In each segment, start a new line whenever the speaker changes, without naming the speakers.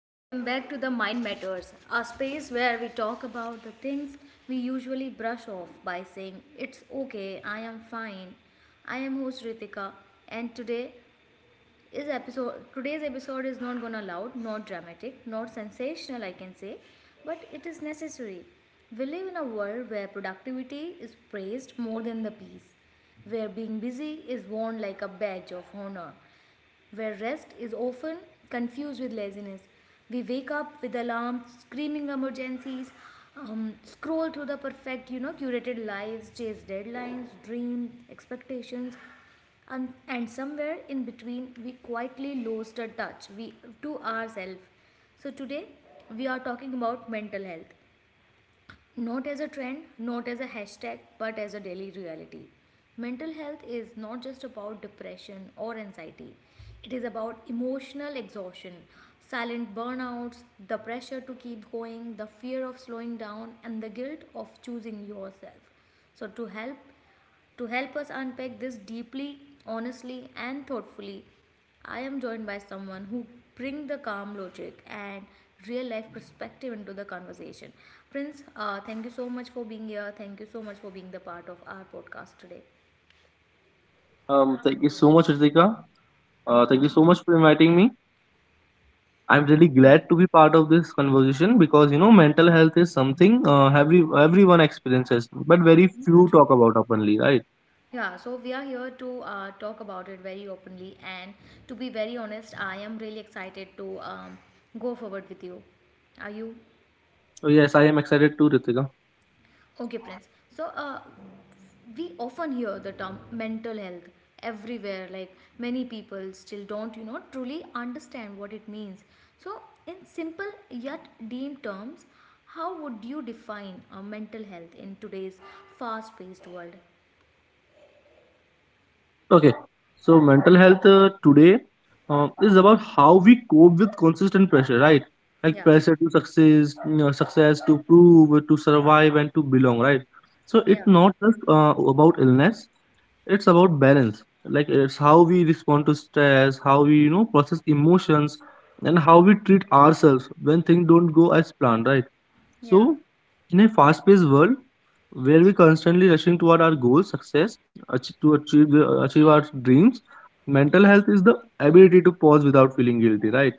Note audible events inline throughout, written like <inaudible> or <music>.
Welcome back to the Mind Matters, a space where we talk about the things we usually brush off by saying, "It's okay, I am fine." I am host Ritika, and today's episode is not gonna loud, not dramatic, not sensational, I can say, but it is necessary. We live in a world where productivity is praised more than the peace, where being busy is worn like a badge of honor, where rest is often confused with laziness. We wake up with alarms, screaming emergencies, scroll through the perfect, curated lives, chase deadlines, dream, expectations, and somewhere in between, we quietly lost a touch we, to ourselves. So today, we are talking about mental health not as a trend, not as a hashtag, but as a daily reality. Mental health is not just about depression or anxiety, it is about emotional exhaustion, silent burnouts, the pressure to keep going, the fear of slowing down, and the guilt of choosing yourself. So, to help us unpack this deeply, honestly, and thoughtfully, I am joined by someone who brings the calm logic and real life perspective into the conversation. Prince, thank you so much for being here. Thank you so much for being the part of our podcast today.
Thank you so much, Ritika. Thank you so much for inviting me. I'm really
Yeah,
glad to be part of this conversation because you know mental health is something everyone experiences, but very
yeah,
few
true.
talk about openly, right?
Yeah, so we are here to talk about it very openly, and to be very honest, I am really excited to go forward with you. Are you?
So yes, I am excited too, Ritika.
Okay, Prince. So, we often hear the term mental health everywhere, like many people still don't truly understand what it means. So in simple yet deep terms, how would you define a mental health in today's fast paced world?
Okay, so mental health today is about how we cope with consistent pressure, right? Like
Yeah,
pressure to success, you know, success to prove, to survive, and to belong, right? So
yeah,
it's not just about illness; it's about balance. Like it's how we respond to stress, how we you know process emotions, and how we treat ourselves when things don't go as planned, right?
yeah,
So, in a fast paced world where we're constantly rushing toward our goals, success, to achieve our dreams, mental health is the ability to pause without feeling guilty, right?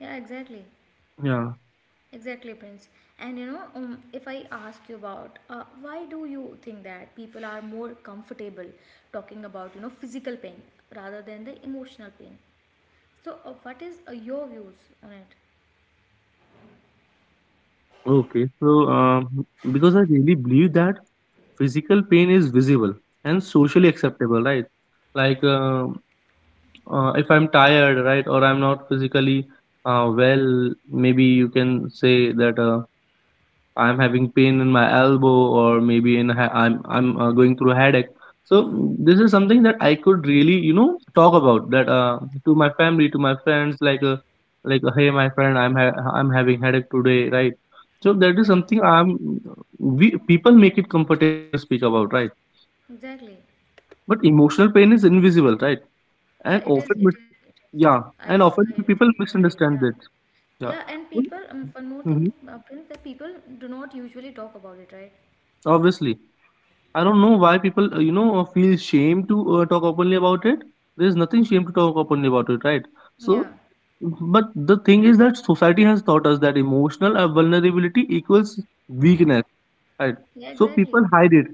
yeah, exactly,
Yeah.
exactly, Prince. And if I ask you about why do you think that people are more comfortable talking about physical pain rather than the emotional pain. So, what is your views on it?
Okay. So, because I really believe that physical pain is visible and socially
Yeah,
acceptable, right? Like, uh, if I'm tired, right, or I'm not physically well, maybe you can say that. I'm having pain in my elbow, or maybe in ha- I'm
yeah,
going through a headache. So this is something that I could really you know talk about that to my family, to my friends, like, hey my friend, I'm having headache today, right? So that is
yeah,
something I'm we people make it comfortable to speak about, right?
exactly.
But emotional pain is invisible, right?
Yeah,
And
it is,
often
it
mis-
is, it is.
yeah,
I,
and
I
often
truly
people
can relate. Yeah,
misunderstand that.
yeah,
Yeah.
and people. One more thing,
Mhm.
Prince, that people do not usually talk about it, right?
Obviously. I don't know why people, you know, feel shame to talk openly about it. There's nothing shame to talk openly about it, right?
Yeah,
So, but the thing is that society has taught us that emotional vulnerability equals weakness, right?
yeah,
So
exactly.
people hide it.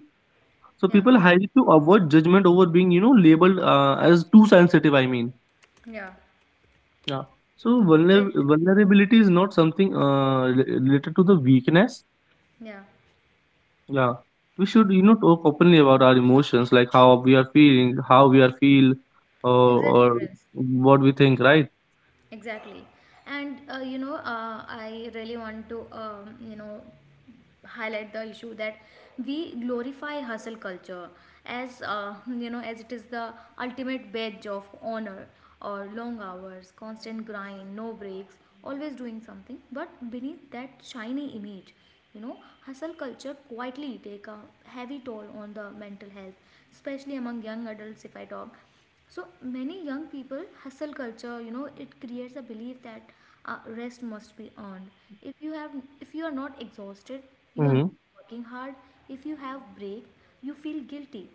So
Yeah,
people hide it to avoid judgment over being, you know, labeled as too sensitive. I mean,
yeah,
yeah. So
very true.
vulnerability is not something related to the weakness.
Yeah,
Yeah, we should you know talk openly about our emotions, like how we are feeling, how we are feel,
exactly,
or
Prince.
what we think, right?
Exactly. And I really want to, highlight the issue that we glorify hustle culture as as it is the ultimate badge of honor, or long hours, constant grind, no breaks, always doing something. But beneath that shiny image, you know hustle culture quietly take a heavy toll on the mental health, especially among young adults. If I talk, so many young people, hustle culture, it creates a belief that rest must be earned. If you have if you are not exhausted, you are not
Mm-hmm.
working hard. If you have break, you feel guilty.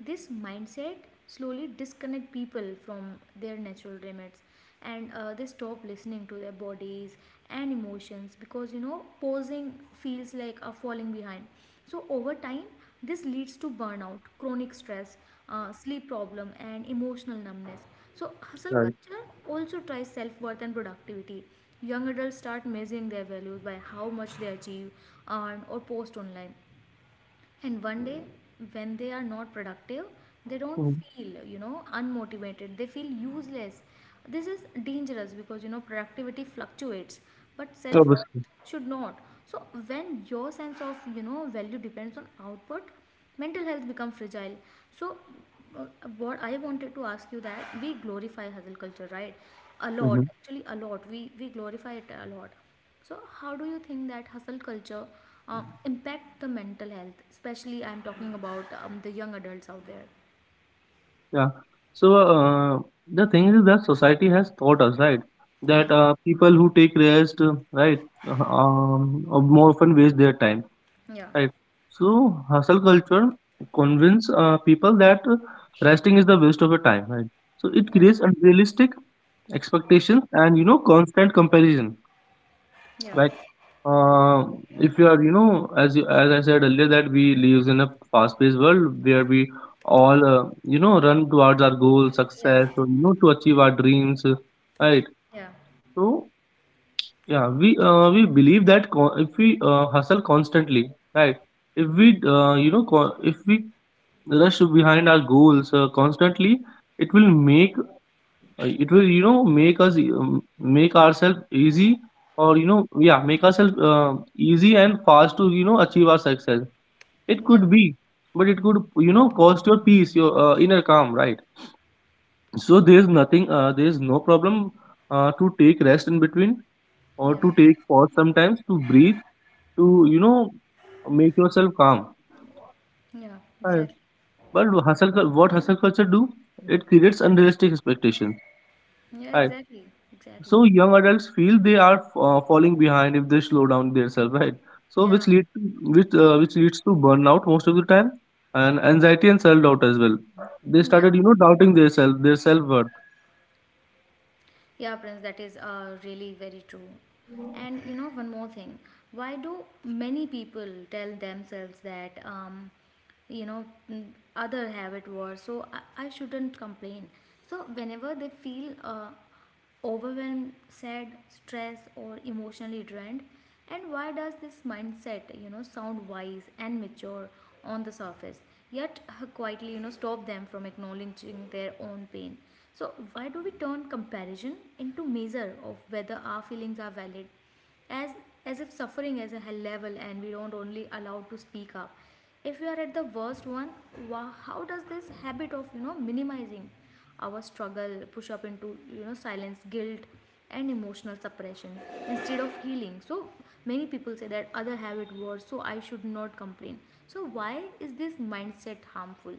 This mindset slowly disconnect people from their natural limits, and they stop listening to their bodies and emotions, because posing feels like a falling behind. So over time this leads to burnout, chronic stress, sleep problem, and emotional numbness. So, hustle
Right.
culture also tries self worth and productivity. Young adults start measuring their values by how much they achieve, earn, or post online. And one day, when they are not productive, they don't
Mm-hmm.
feel, unmotivated. They feel useless. This is dangerous because, productivity fluctuates, but self
Obviously.
worth should not. So, when your sense of, value depends on output, mental health become fragile. So uh, what I wanted to ask you, that we glorify hustle culture, right? A
Mm-hmm.
lot, actually a lot, we glorify it a lot. So how do you think that hustle culture impact the mental health, especially I'm talking about the young adults out there?
Yeah. So the thing is that society has taught us, right,
Yeah,
that people who take rest, right, more often waste their time,
yeah,
right. So hustle culture convince people that resting is the waste of your time, right. So it
yeah,
creates unrealistic expectations and you know constant comparison,
yeah,
like uh, if you are you know as you, as I said earlier, that we live in a fast paced world where we all you know run towards our goals
yeah,
success or you know to achieve our dreams, right.
yeah,
So yeah, we believe that if we hustle constantly, right. If we you know if we rush behind our goals constantly, it will make. It will you know make us make ourselves easy or you know yeah make ourselves easy and fast to you know achieve our success, it
yeah,
could be. But it could you know cost your peace, your inner calm, right? So there's nothing, there's no problem to take rest in between, or
yeah,
to take pause sometimes to breathe, to you know make yourself calm.
yeah,
Right.
exactly,
But what hustle culture do, it creates unrealistic expectations.
yeah,
Right.
exactly, exactly,
So young adults feel they are falling behind if they slow down themselves, right? So
yeah,
which leads to burnout most of the time, and anxiety and self doubt as well. They
yeah.
started, you know, doubting themselves, their self worth.
Yeah, Prince, that is really very true. And one more thing. Why do many people tell themselves that, you know, mm, other have it worse, so I shouldn't complain? So, whenever they feel overwhelmed, sad, stressed, or emotionally drained, and why does this mindset, sound wise and mature on the surface, yet quietly, stop them from acknowledging their own pain? So, why do we turn comparison into measure of whether our feelings are valid, as as if suffering is a hell level and we don't only allowed to speak up? If we are at the worst one, how does this habit of minimizing our struggle push up into silence, guilt, and emotional suppression instead of healing? So many people say that other have it worse, so I should not complain. So why is this mindset harmful?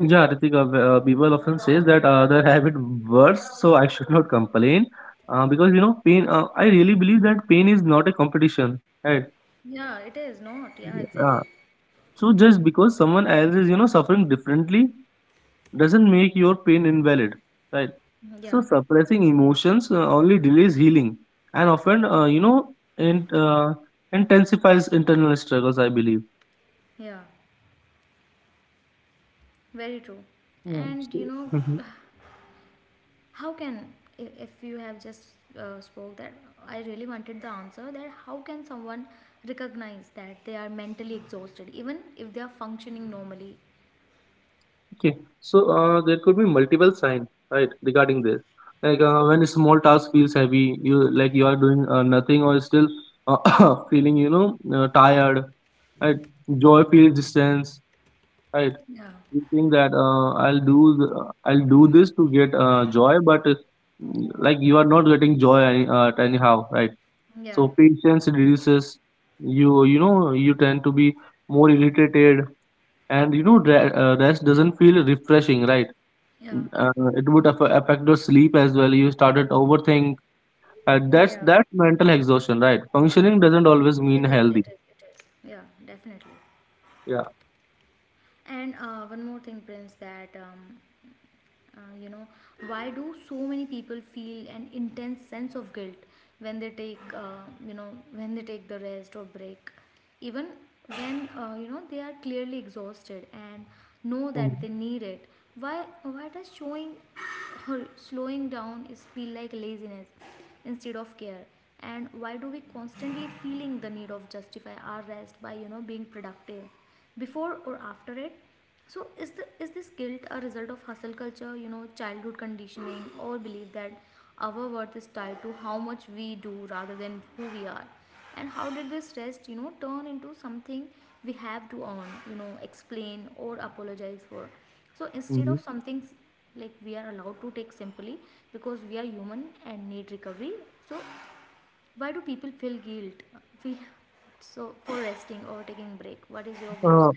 Yeah, Ritika, people often says that have it worse, so I should not complain, because you know pain. I really believe that pain is not a competition, right?
Yeah, it is not. Yeah, exactly.
Yeah. So just because someone else is, you know, suffering differently doesn't make your pain invalid, right? So
Yeah,
suppressing emotions only delays healing and often, you know, intensifies internal struggles, I believe.
yeah, very true.
Yeah.
And
So, mhm.
<sighs> how can if you have just spoke that, I really wanted the answer that how can someone recognize that they are mentally exhausted even if they are functioning normally?
Okay, so there could be multiple signs, right, regarding this. Like when a small task feels heavy, you like you are doing nothing or still uh, <coughs> feeling, you know, tired. Right? Joy feels distant. Right.
Yeah,
You think that I'll do this to get joy, but like you are not getting joy anyhow, right?
yeah,
So patience reduces. You know you tend to be more irritated, and you know rest doesn't feel refreshing, right?
yeah,
It would affect your sleep as well. You started overthink. Uh, that's
yeah.
that's mental exhaustion, right? Functioning doesn't always mean
It is,
healthy.
it is, it is. Yeah, definitely.
Yeah.
And one more thing, Prince, that Uh, you know, why do so many people feel an intense sense of guilt when they take, you know, when they take the rest or break, even when they are clearly exhausted and know that they need it? Why does showing or slowing down is feel like laziness instead of care? And why do we constantly feeling the need of justify our rest by being productive before or after it? So is this guilt a result of hustle culture, childhood conditioning, or belief that our worth is tied to how much we do rather than who we are? And how did this rest, turn into something we have to earn, explain or apologize for? So instead
Mm-hmm.
of something like we are allowed to take simply because we are human and need recovery. So why do people feel guilt? Feel so for resting or taking break? What is your views?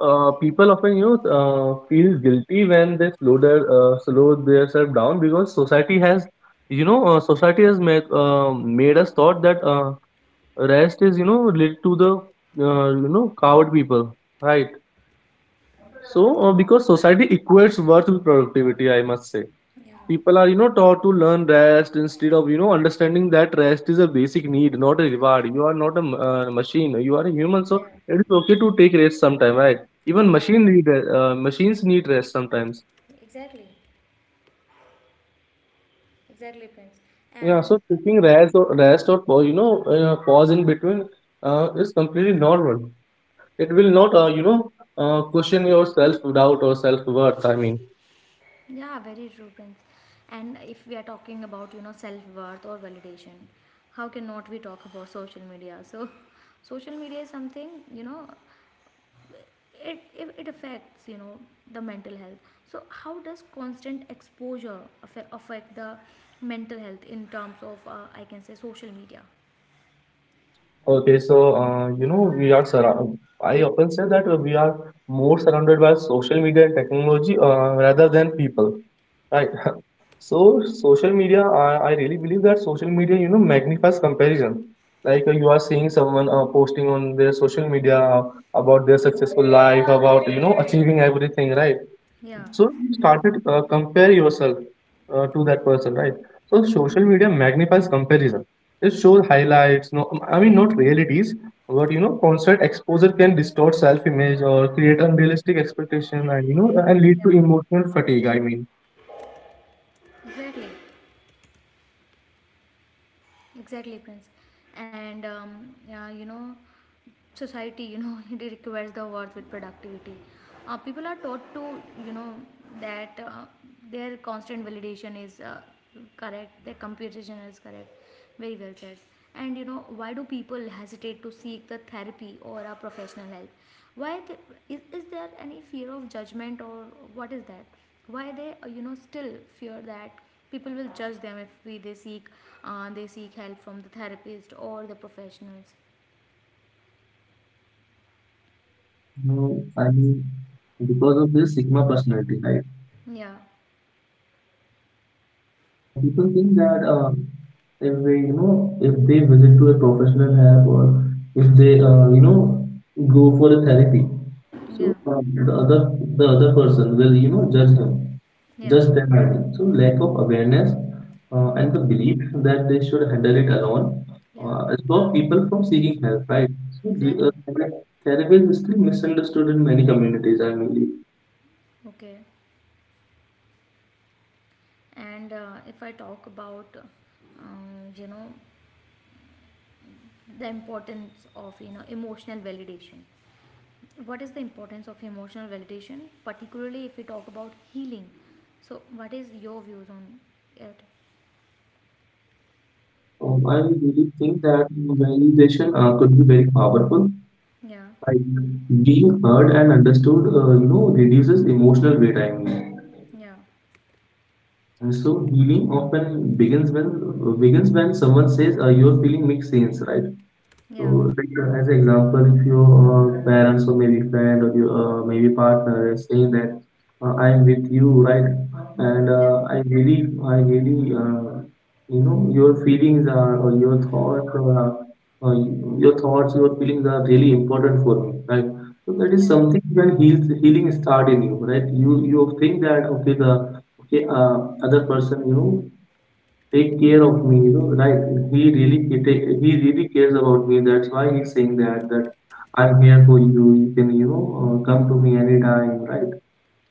People often you know feel guilty when they slow themselves down because society has made us thought that rest is you know related to the you know coward people, right. So because society equates worth with productivity, I must say,
Yeah,
people are you know taught to learn rest instead of you know understanding that rest is a basic need, not a reward. You are not machine, you are a human, so
yeah.
it is okay to take rest sometime, right? Even
Yeah,
machines need rest sometimes.
exactly, exactly, Prince.
Yeah, so
And uh,
taking rest or rest or you know pause in between is completely normal. It will not you know question your self doubt or self worth, I mean.
Yeah, very true, Prince. And if we are talking about, self-worth or validation, how cannot we talk about social media? So, <laughs> social media is something, you know, it affects, the mental health. So, how does constant exposure affect the mental health in terms of, I can say, social media?
Okay, so you know we are surround. I often say that we are more surrounded by social media and technology rather than people, right? <laughs> So social media, I really believe that social media, you know, magnifies comparison. Like you are seeing someone posting on their social media about their successful life, about you know achieving everything, right?
Yeah,
So started compare yourself to that person, right? So social media magnifies comparison. It shows highlights. No, I mean not realities, but you know, constant exposure can distort self-image or create unrealistic expectation, and you know, and lead
yeah,
to emotional fatigue. I mean.
exactly, exactly, Prince. And yeah, society, <laughs> it requires the words with productivity. People are taught to you know that their constant validation is correct, their comparison is correct. Very well said. And why do people hesitate to seek the therapy or a professional help? Why is there any fear of judgment, or what is that, why they still fear that people will judge them if we they seek help from the therapist or the professionals?
No, I mean, because of this Sigma personality, right?
Yeah,
People think that if they, you know, if they visit to a professional help or if they, you know, go for a therapy, so
yeah,
uh, the other person will, you know, judge him,
yeah,
judge them. I mean. So lack of awareness and the belief that they should handle it alone
yeah,
stop people from seeking help, right? So
exactly.
therapy is still misunderstood in many communities. I believe.
Okay. And if I talk about, um, you know, the importance of, emotional validation. What is the importance of emotional validation, particularly if we talk about healing? So, what is your views on it?
I really think that validation could be very powerful.
Yeah,
Like, being heard and understood, you know, reduces emotional weight. I mean,
yeah,
and so healing often begins when someone says, "Your feeling makes sense," right? So,
yeah,
like, as an example, if your parents or maybe friend or your maybe partner is saying that I'm with you, right? And
yeah,
I really, you know, your feelings are or your thoughts are, or uh, your thoughts, your feelings are really important for me, right? So that is
yeah,
something when healing start in you, right? You think that okay, the okay, other person, you know, take care of me you know, right. He he really cares about me, that's why he's saying that that I'm here for you. You can you know come to me anytime, right?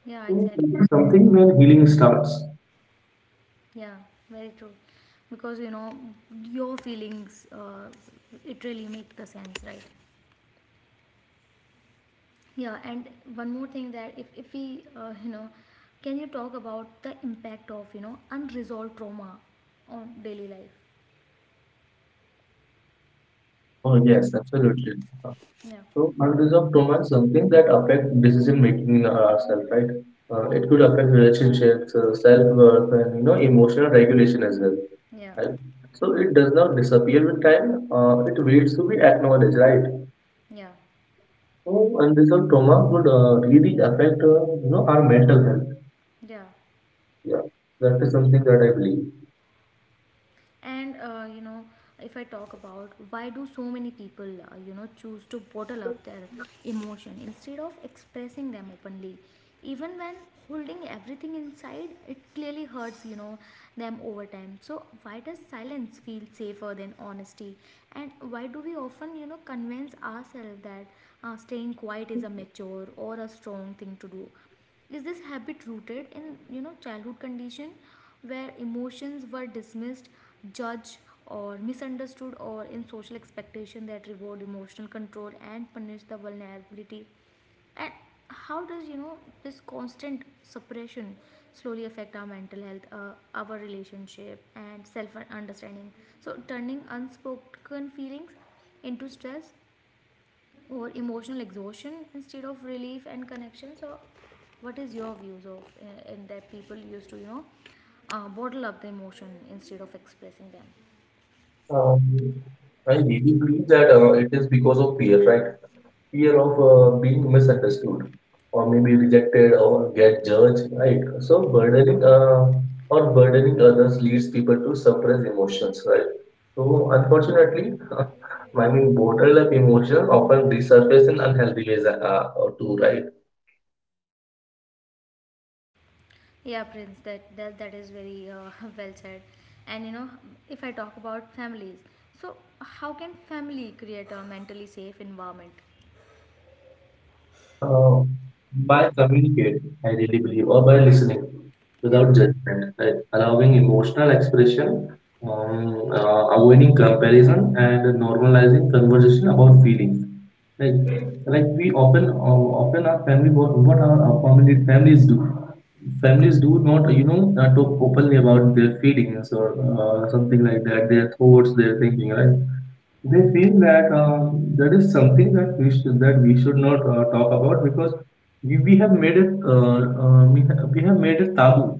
yeah,
So this
exactly.
is something when healing starts.
Yeah, very true. Because, your feelings, it really make the sense, right? Yeah, and one more thing that if we, can you talk about the impact of, unresolved trauma on daily life?
Oh yes, absolutely.
Yeah,
So unresolved trauma is something that affect decision making in ourselves, right? It could affect relationships, self-worth and you know emotional regulation as well,
yeah,
right? So it does not disappear with time, it waits to be acknowledged, right?
yeah,
So, and this all trauma would really affect you know our mental health.
yeah.
Yeah, that is something that I believe.
And if I talk about why do so many people choose to bottle up their emotion instead of expressing them openly, even when holding everything inside, it clearly hurts them over time. So why does silence feel safer than honesty? And why do we often convince ourselves that staying quiet is a mature or a strong thing to do? Is this habit rooted in childhood condition where emotions were dismissed, judged or misunderstood, or in social expectation that reward emotional control and punish the vulnerability? And how does this constant suppression slowly affect our mental health, our relationship and self understanding? So turning unspoken feelings into stress or emotional exhaustion instead of relief and connection. So what is your views of in that people used to bottle up the emotion instead of expressing them?
Um, I really believe that it is because of fear, right? Fear of being misunderstood or maybe rejected or get judged, right? So burdening others leads people to suppress emotions, right? So unfortunately, <laughs> I mean, borderline emotions often resurface in unhealthy ways, too, right?
Yeah, Prince, that is very <laughs> well said. And if I talk about families, so how can family create a mentally safe environment?
Uh, by communicating, I really believe, or by listening without
Yeah.
judgment, right? Allowing emotional expression, avoiding comparison, and normalizing conversation about feelings. Like, like we often, often our family, what our family, families do. Families do not, you know, talk openly about their feelings or something like that, their thoughts, their thinking, right? They feel that that is something that we should not talk about, because we have made it we have made it taboo.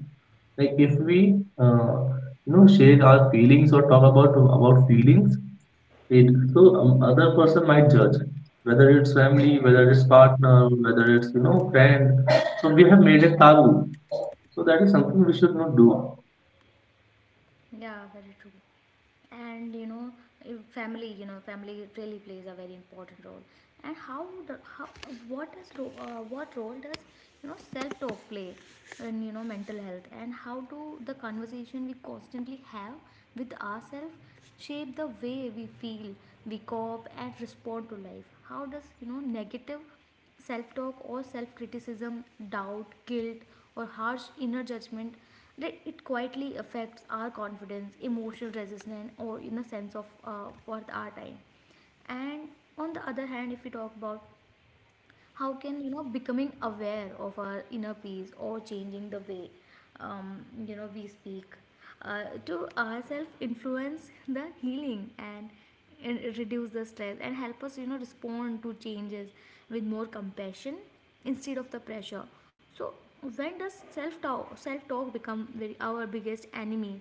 Like if we share our feelings or talk about feelings, it so, other person might judge, whether it's family, whether it's partner, whether it's friend. So we have made it taboo. So that is something we should not do.
Yeah, very true. And you know, if family, family really plays a very important role. And how what role does self talk play in mental health? And how do the conversation we constantly have with ourselves shape the way we feel, we cope, and respond to life? How does negative self talk or self criticism, doubt, guilt, or harsh inner judgment that it quietly affects our confidence, emotional resistance, or in a sense of worth our time. And on the other hand, if we talk about how can becoming aware of our inner peace or changing the way we speak to ourselves influence the healing and reduce the stress and help us respond to changes with more compassion instead of the pressure. So when does self talk become our biggest enemy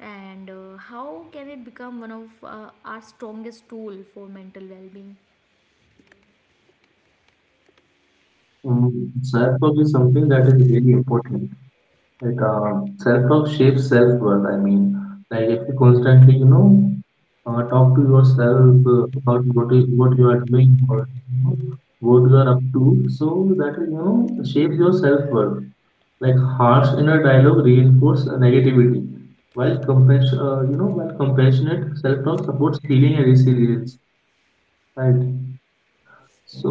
and how can it become one of our strongest tool for mental well being?
Self talk is something that is really important. Like self-talk shapes self-worth. I mean, like if you constantly, talk to yourself about what you are doing, or what you are up to, so that shapes your self-worth. Like harsh inner dialogue reinforce negativity, while compassionate self-talk supports healing and resilience. Right. So,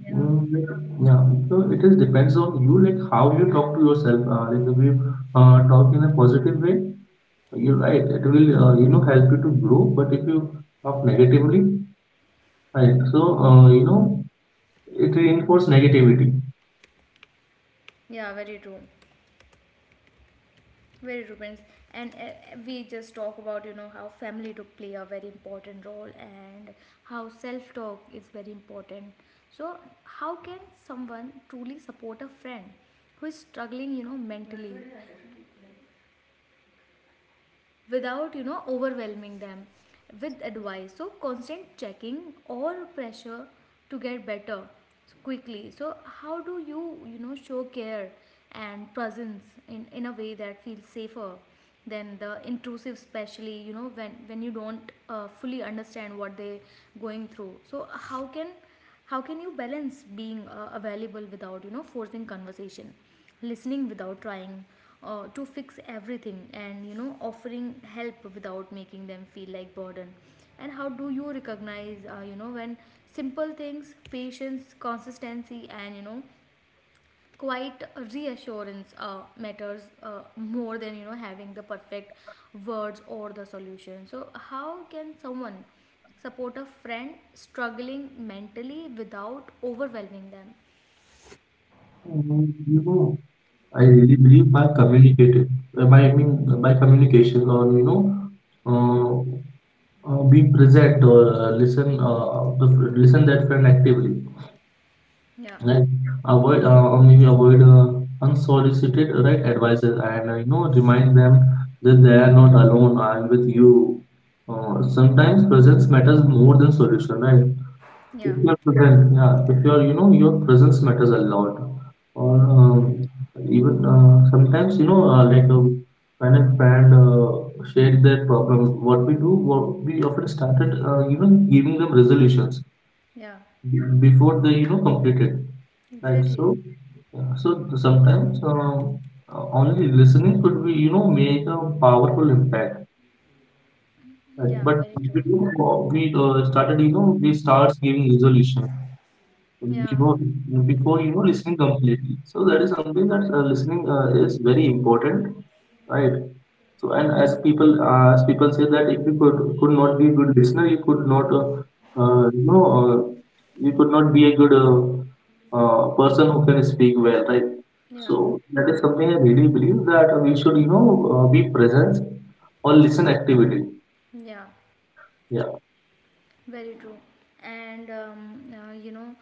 yeah,
like, yeah, so it is depends on you, like how you talk to yourself. Like if you talk in a positive way, you're right, it will help you to grow. But if you talk negatively, right, so it reinforces negativity.
yeah, very true. Very true, Prince. And we just talk about how family to play a very important role and how self talk is very important. So how can someone truly support a friend who is struggling mentally, without overwhelming them with advice so constant checking or pressure to get better quickly? So how do you you know show care and presence in a way that feels safer than the intrusive, especially when you don't fully understand what they are going through? So how can you balance being available without forcing conversation, listening without trying to fix everything, and offering help without making them feel like burden? And how do you recognize when simple things, patience, consistency, and quite reassurance matters more than having the perfect words or the solution? So how can someone support a friend struggling mentally without overwhelming them?
And, I really believe, by communicating, by I mean by communication, or uh, be present, or listen that friend actively.
Yeah,
Right. Avoid or maybe avoid unsolicited, right, advices, and remind them that they are not alone. I'm with you. Sometimes presence matters more than solution, right?
yeah,
If you're present, yeah. If you're you know Your presence matters a lot. Or even sometimes like when a friend shared their problem, what we often started, even giving them resolutions
yeah,
before they complete it. Right.
Exactly.
So, yeah, so sometimes only listening could be, you know, make a powerful impact. Right?
Yeah,
But
very true.
we starts giving resolution
Yeah,
before before listening completely, so that is something that listening is very important, right. So, and as people say that if you could not be a good listener, you could not uh, you know uh, you could not be a good person who can speak well, right.
yeah,
So that is something I really believe, that we should be present or listen actively,
yeah.
yeah.
Very true. And you know,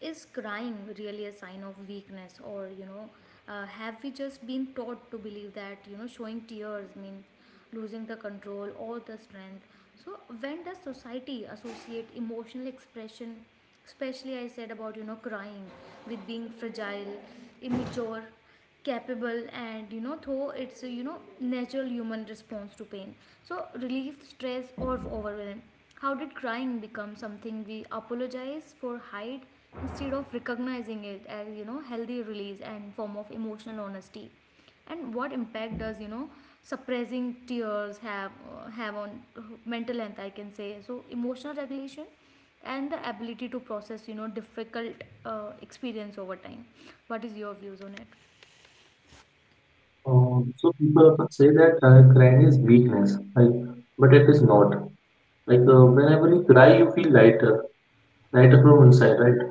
is crying really a sign of weakness? Or have we just been taught to believe that showing tears means losing the control or the strength? So when does society associate emotional expression, especially I said about crying, with being fragile, immature? Capable and though it's a natural human response to pain, so relief stress or overwhelm, how did crying become something we apologize for hide instead of recognizing it as healthy release and form of emotional honesty? And what impact does suppressing tears have on mental health, I can say, so emotional regulation and the ability to process difficult experience over time? What is your views on it?
Um, so people often say that crying is weakness, right? But it is not. Like whenever you cry, you feel lighter, lighter from inside, right?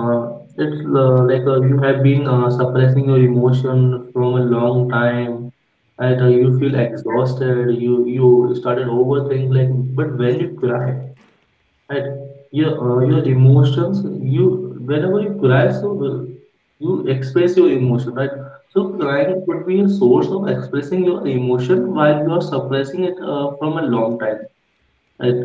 It's like you have been suppressing your emotion from a long time, and you
yeah
feel exhausted. You started overthinking. Like, but when you cry, right, your emotions, you whenever you cry, so you express your emotion, right? So
yeah
crying could be a source of expressing your emotion, while you are suppressing it from a long time. Right.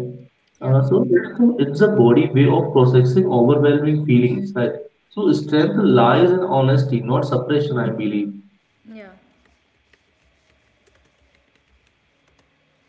yeah
So it's a body way of processing overwhelming feelings, right? So strength lies in honesty, not suppression, I believe.
Yeah.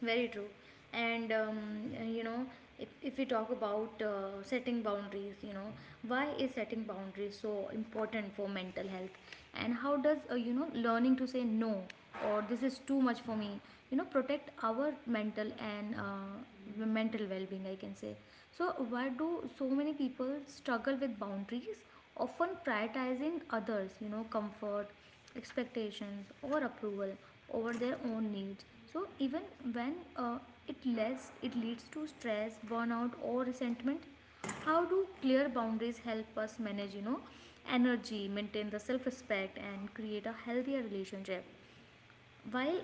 Very true. And you know, if we talk about setting boundaries, why is setting boundaries so important for mental health? And how does learning to say no, or "this is too much for me," protect our mental and mental well-being, I can say? So why do so many people struggle with boundaries, often prioritizing others comfort, expectations, or approval over their own needs? So even when it leads to stress, burnout, or resentment, how do clear boundaries help us manage energy, maintain the self respect, and create a healthier relationship, while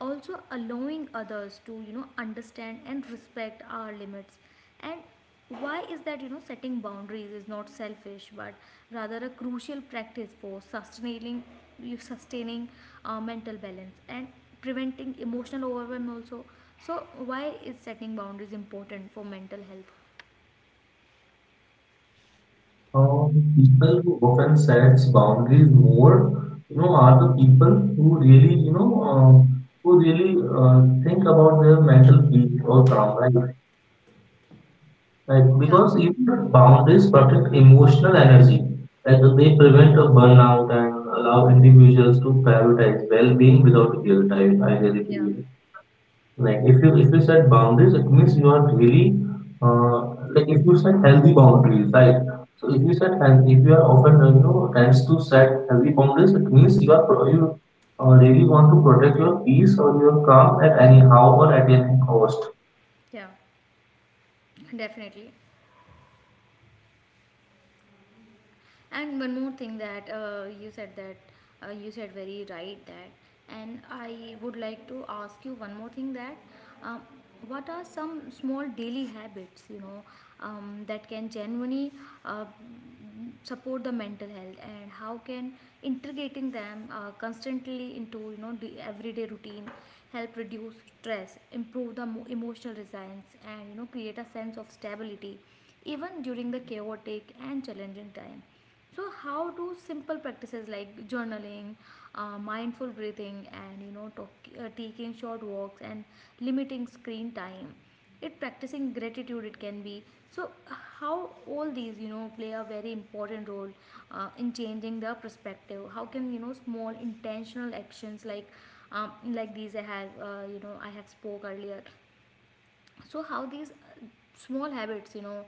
also allowing others to understand and respect our limits? And why is that setting boundaries is not selfish but rather a crucial practice for sustaining, you sustaining mental balance and preventing emotional overwhelm also? So why is setting boundaries important for mental health?
People who often sets boundaries more, you know, are the people who really think about their mental peace or calm, right? Like,
yeah
because even boundaries protect emotional energy, like they prevent a burnout and allow individuals to prioritize well-being without guilt. I really
yeah
believe. Like if you set boundaries, it means you are really uh, like if you set healthy boundaries, right? So if you are often tends to set healthy boundaries, it means you really want to protect your peace or your calm at any how or at any cost.
yeah Definitely. And one more thing that you said that you said very right that, and I would like to ask you one more thing that, um, what are some small daily habits, that can genuinely uh, support the mental health, and how can integrating them constantly into the everyday routine help reduce stress, improve the emotional resilience, and create a sense of stability even during the chaotic and challenging time? So, how do simple practices like journaling, mindful breathing, and taking short walks and limiting screen time, it practicing gratitude, it can be. So, how all these play a very important role in changing the perspective? How can small intentional actions like these I have spoke earlier, so how these small habits,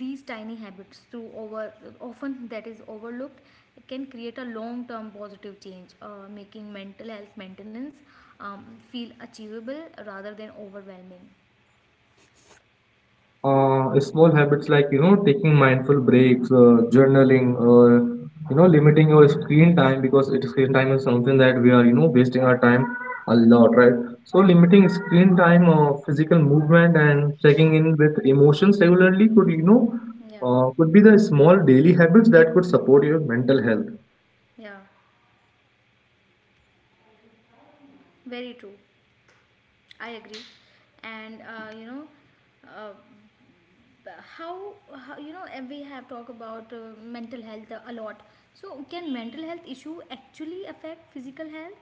these tiny habits through over often that is overlooked, can create a long term positive change, making mental health maintenance um, feel achievable rather than overwhelming?
Uh, small habits like taking mindful breaks, journaling, or limiting your screen time, because screen time is something that we are wasting our time a lot, right. So limiting screen time, physical movement, and checking in with emotions regularly could you know
Yeah,
could be the small daily habits that could support your mental health.
yeah, very true. I agree. And you know, uh, how and we have talked about mental health a lot, so can mental health issue actually affect physical health?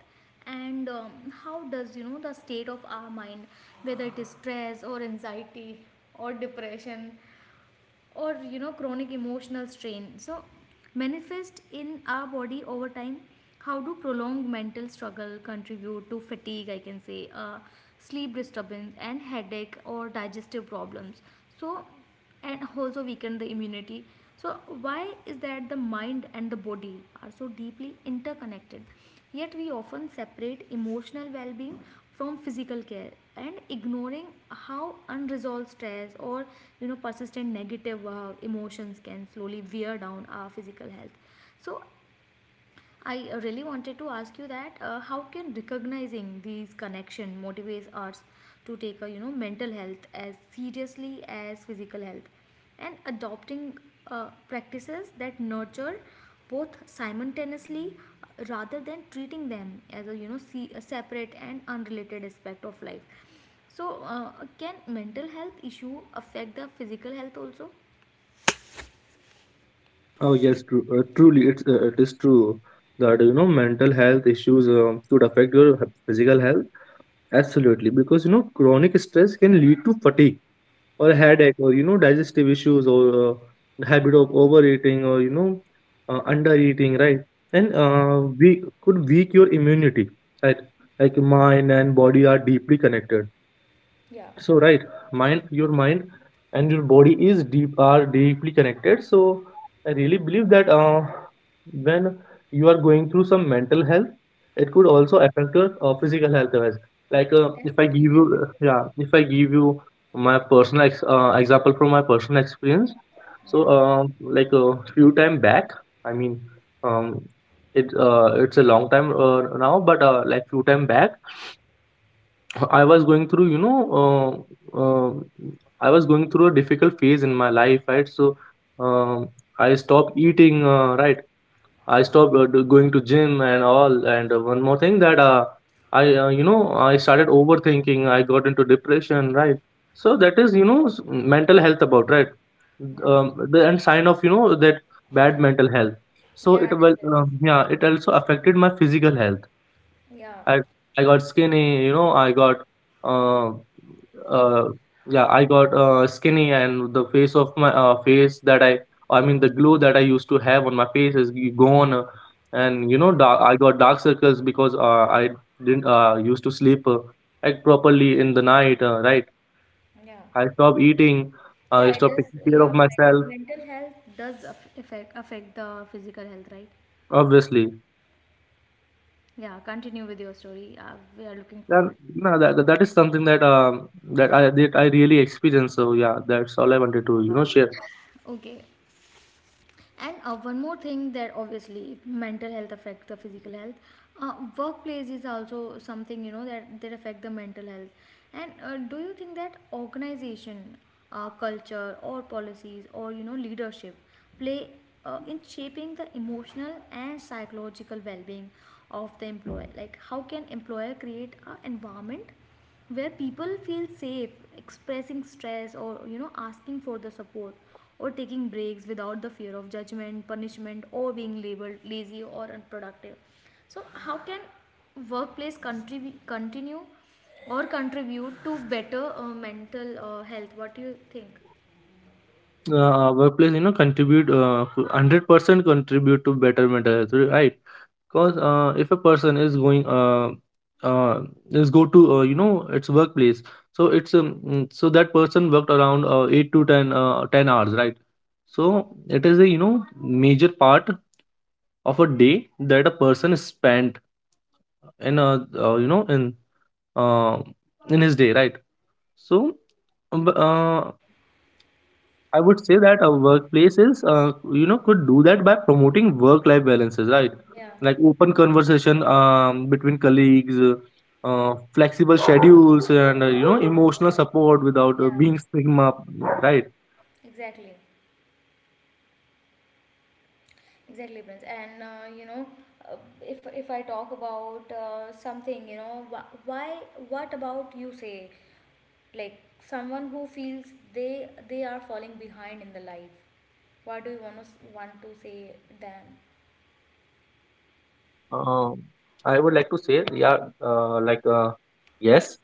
And how does the state of our mind, whether it is stress or anxiety or depression or chronic emotional strain, so manifest in our body over time? How do prolonged mental struggle contribute to fatigue, I can say, uh, sleep disturbance and headache or digestive problems, so, and also weaken the immunity? So why is that the mind and the body are so deeply interconnected? Yet, we often separate emotional well being from physical care, and ignoring how unresolved stress or persistent negative emotions can slowly wear down our physical health. So I really wanted to ask you that how can recognizing these connection motivates us to take a mental health as seriously as physical health, and adopting practices that nurture both simultaneously, rather than treating them as a see, a separate and unrelated aspect of life? So can mental health issue affect the physical health also?
Oh yes, true. Truly, it is true that mental health issues could affect your physical health. Absolutely, because chronic stress can lead to fatigue, or
Yeah,
headache, or digestive issues, or the habit of overeating, or undereating, right? And
yeah,
we could weak your immunity, right? Like mind and body are deeply connected,
yeah,
so right. mind Your mind and your body is deep are deeply connected. So I really believe that when you are going through some mental health, it could
yeah.
also affect your physical health as well. Like if I
Definitely,
give you
definitely.
yeah, if I give you my personal example from my personal experience, so
Yeah.
like a few time back, I mean, um, it's a long time now, but like few time back, I was going through, you know, uh, uh, I was going through a difficult phase in my life, right? So um, I stopped eating, right? I stopped going to gym and all. And one more thing, that I started overthinking. I got into depression, right? So that is, mental health about, right?
Yeah,
The And sign of, you know, that bad mental health. So
yeah, this is,
yeah, it also affected my physical health.
yeah,
I I got skinny, you know, I got uh, uh yeah, I got skinny, and the face of my face, that I mean the glue that I used to have on my face, is gone, and you know,
okay,
dark, I got dark circles, because I didn't used to sleep like properly in the night, right?
yeah,
I stopped eating, I
yeah, it
stopped
does,
taking care
yeah,
of myself,
mental health does affect the physical health, right?
obviously.
Yeah, continue with your story. We are looking
Then
forward.
no, that is something that I really experienced. So yeah, that's all I wanted to share.
Okay. And one more thing that obviously mental health affects the physical health. Workplace is also something that affect the mental health. And do you think that organization, culture, or policies, or leadership play in shaping the emotional and psychological well-being of the employer? Like, how can employer create an environment where people feel safe expressing stress or asking for the support or taking breaks without the fear of judgment, punishment, or being labeled lazy or unproductive? So how can workplace continue or contribute to better mental health, what do you think?
Uh, workplace, contribute 100% contribute to better mental health, right. Because if a person uh, is go to its workplace, so so that person worked around 8 to 10 10 hours, right. So it is a major part of a day that a person is spent in a you know uh, in his day, right. So um, b- uh, I would say that our workplaces, could do that by promoting work-life balances, right?
Yeah,
Like open conversation, between colleagues, flexible schedules, and emotional support without being
yeah,
stigma, right?
exactly, exactly, Prince. And you know, uh, if I talk about something, you know, why? What about you say, like someone who feels they are falling behind in the life? What do you want to say them?
Um I would like to say, yeah, like yes,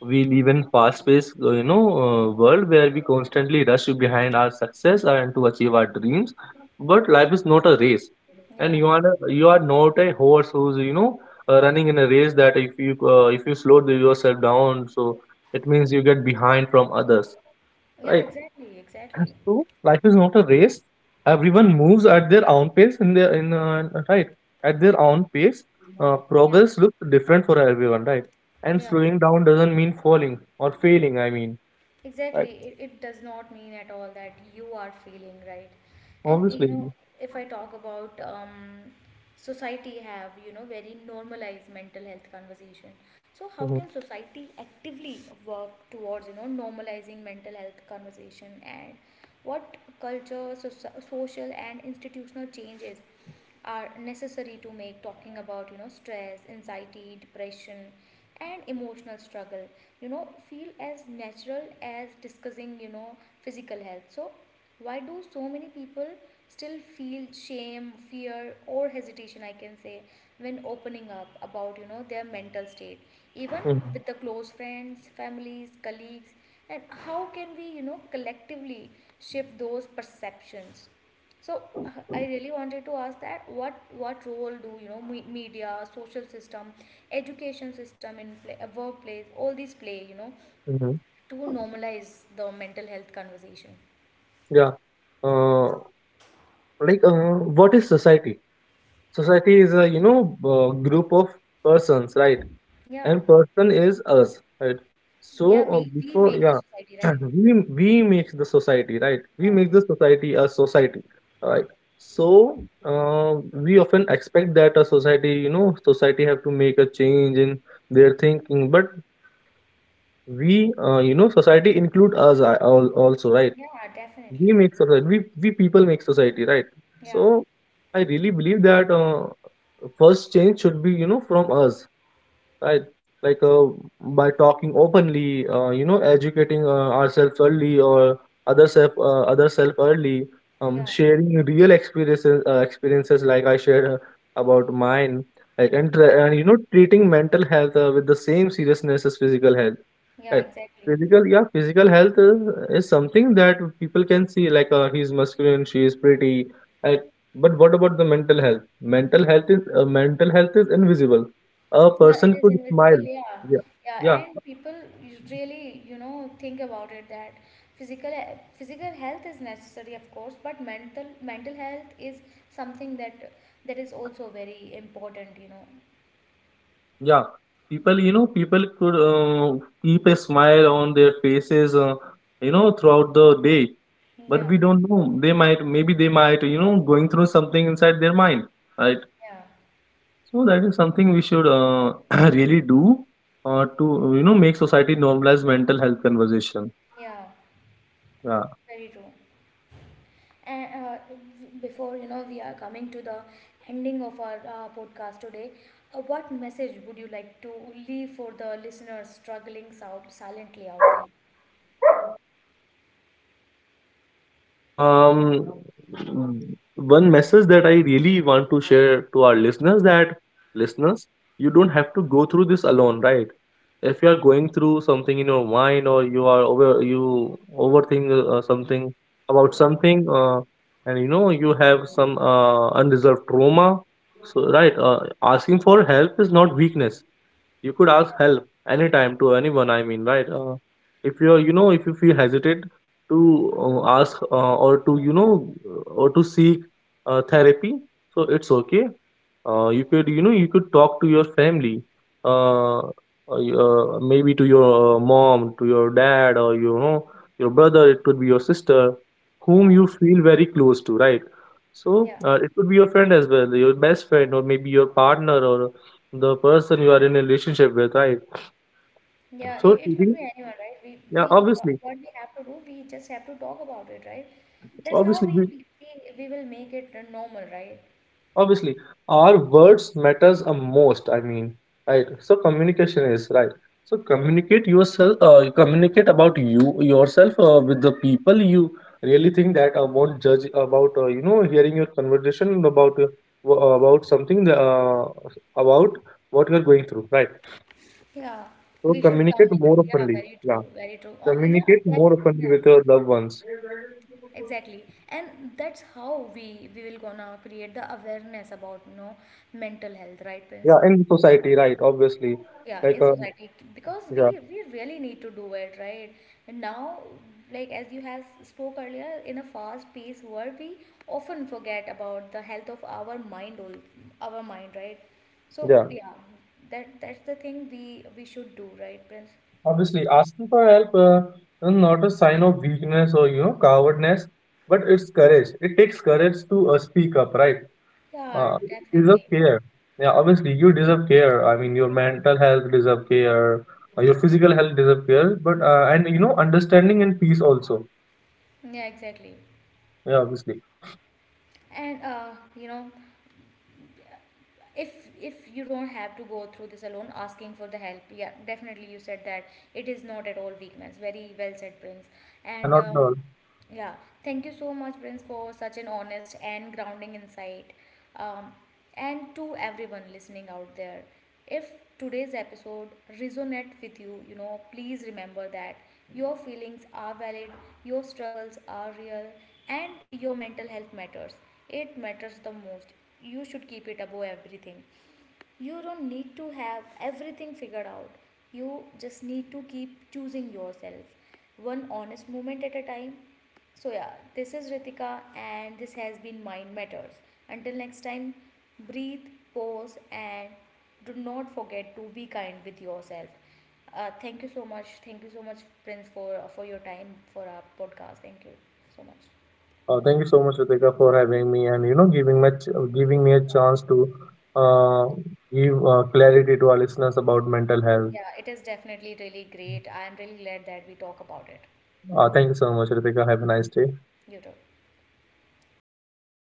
we live in fast-paced, world, where we constantly rush behind our success and to achieve our dreams. But life is not a race, and
yeah
you are not a horse who's running in a race, that if you slow yourself down, so it means you get behind from others,
yeah
right?
Exactly, exactly.
So life is not a race. Everyone moves at their own pace, in their in right at their own pace.
yeah
Progress looks different for everyone, right? And
yeah
slowing down doesn't mean falling or failing. I mean, right?
Exactly. It does not mean at all that you are feeling right. And you know,
Obviously.
if I talk about society have, you know, very normalized mental health conversation. So how
Hmm.
can society actively work towards, you know, normalizing mental health conversation, and what culture, so, social and institutional changes are necessary to make talking about stress, anxiety, depression, and emotional struggle feel as natural as discussing physical health? So why do so many people still feel shame, fear, or hesitation, I can say, when opening up about their mental state, even
Hmm.
with the close friends, families, colleagues? And how can we collectively shift those perceptions? So I really wanted to ask that what role do media, social system, education system in play, workplace, all these play
Hmm.
to normalize the mental health conversation?
Yeah. Uh, like, what is society? Society is a group of persons, right?
Yeah,
And person is us, right? So
yeah, we
before
make the
yeah,
society
<clears throat>
right.
we we make the society, right, we make the society a society, right. So we often expect that a society you know society have to make a change in their thinking, but we, society include us also, right.
Yeah,
we
definitely.
make society we, we people make society, right.
Yeah,
So I really believe that first change should be from us, right. Like by talking openly, educating ourselves early, or other self early,
yeah,
sharing real experiences like I shared about mine, like and treating mental health with the same seriousness as physical health,
yeah,
right.
exactly.
physical Yeah, physical health is something that people can see, like he's masculine, she is pretty, right? But what about the mental health? Mental health is invisible. A
Yeah, it
person
is
could
invisible.
smile.
Yeah,
Yeah.
yeah,
Yeah.
and people really, you know, think about it that physical physical health is necessary, of course, but mental health is something that that is also very important, you know.
Yeah. People you know people could keep a smile on their faces, throughout the day. But
Yeah,
we don't know, they might going through something inside their mind, right.
yeah,
So that is something we should <clears throat> really do, to make society normalize mental health conversation,
yeah,
yeah.
very true. And before, you know, we are coming to the ending of our podcast today. What message would you like to leave for the listeners struggling silently out there?
Um, one message that I really want to share to our listeners, that listeners, you don't have to go through this alone, right. If you are going through something in your mind, or you overthink something about
Yeah,
something, and you have some unresolved trauma, so right, asking for help is not weakness. You could ask help anytime to anyone, I mean, right, if you feel hesitant to ask, or to seek therapy, so it's okay. You could talk to your family, uh, uh, maybe to your mom, to your dad, or your brother, it could be your sister,
yeah.
whom you feel very close to, right.
Yeah.
So it could be your friend as well, your best friend, or maybe your partner, or the person you are in a relationship with, right.
Yeah, it,
so
it could be
treating
anyone, right? We
Yeah, obviously,
what we have to do, we just have to talk about it, right? That's how
obviously,
we will make it normal, right?
obviously, our words matters a most, I mean, right. So communication is right. So communicate yourself you communicate about yourself, with the people you really think that won't judge about hearing your conversation about w- about something that, uh, about what you're going through, right.
Yeah,
So
we should
communicate more
communicate. Yeah,
openly,
very true,
yeah,
very true. Oh, yeah,
communicate
that,
more openly
yeah,
with your loved ones,
exactly. And that's how we will gonna create the awareness about mental health, right, Prince?
yeah, in society, right, obviously.
Yeah,
Like,
in society, because
yeah.
we really need to do it, right? And now, like as you have spoke earlier, in a fast-paced world, we often forget about the health of our our mind, right? So
Yeah.
yeah, that that's the thing we should do, right, Prince?
Obviously, asking for help is not a sign of weakness or cowardness, but it's courage. It takes courage to speak up, right?
Yeah,
You deserve
definitely.
care. Yeah, obviously you deserve care. I mean, your mental health deserve care, your physical health deserve care, but and understanding and peace also.
Yeah, exactly.
Yeah, obviously.
And you know, if you don't have to go through this alone, asking for the help, yeah, definitely, you said that it is not at all weakness, very well said, Prince.
Yeah,
And
not at all.
yeah, thank you so much, Prince, for such an honest and grounding insight. um, and to everyone listening out there, if today's episode resonate with you, you know, please remember that your feelings are valid, your struggles are real, and your mental health matters. It matters the most. You should keep it above everything. You don't need to have everything figured out. You just need to keep choosing yourself, one honest moment at a time. So, yeah, this is Ritika, and this has been Mind Matters. Until next time, breathe, pause, and do not forget to be kind with yourself. Thank you so much. Thank you so much, Prince, for your time for our podcast. Thank you so much.
Thank you so much, Ritika, for having me, and giving me a
Yeah,
chance to uh, give clarity to our listeners about mental health.
yeah, it is definitely really great. I am really glad that we talk about it.
Thank you so much, Ritika. Have a nice day.
You too.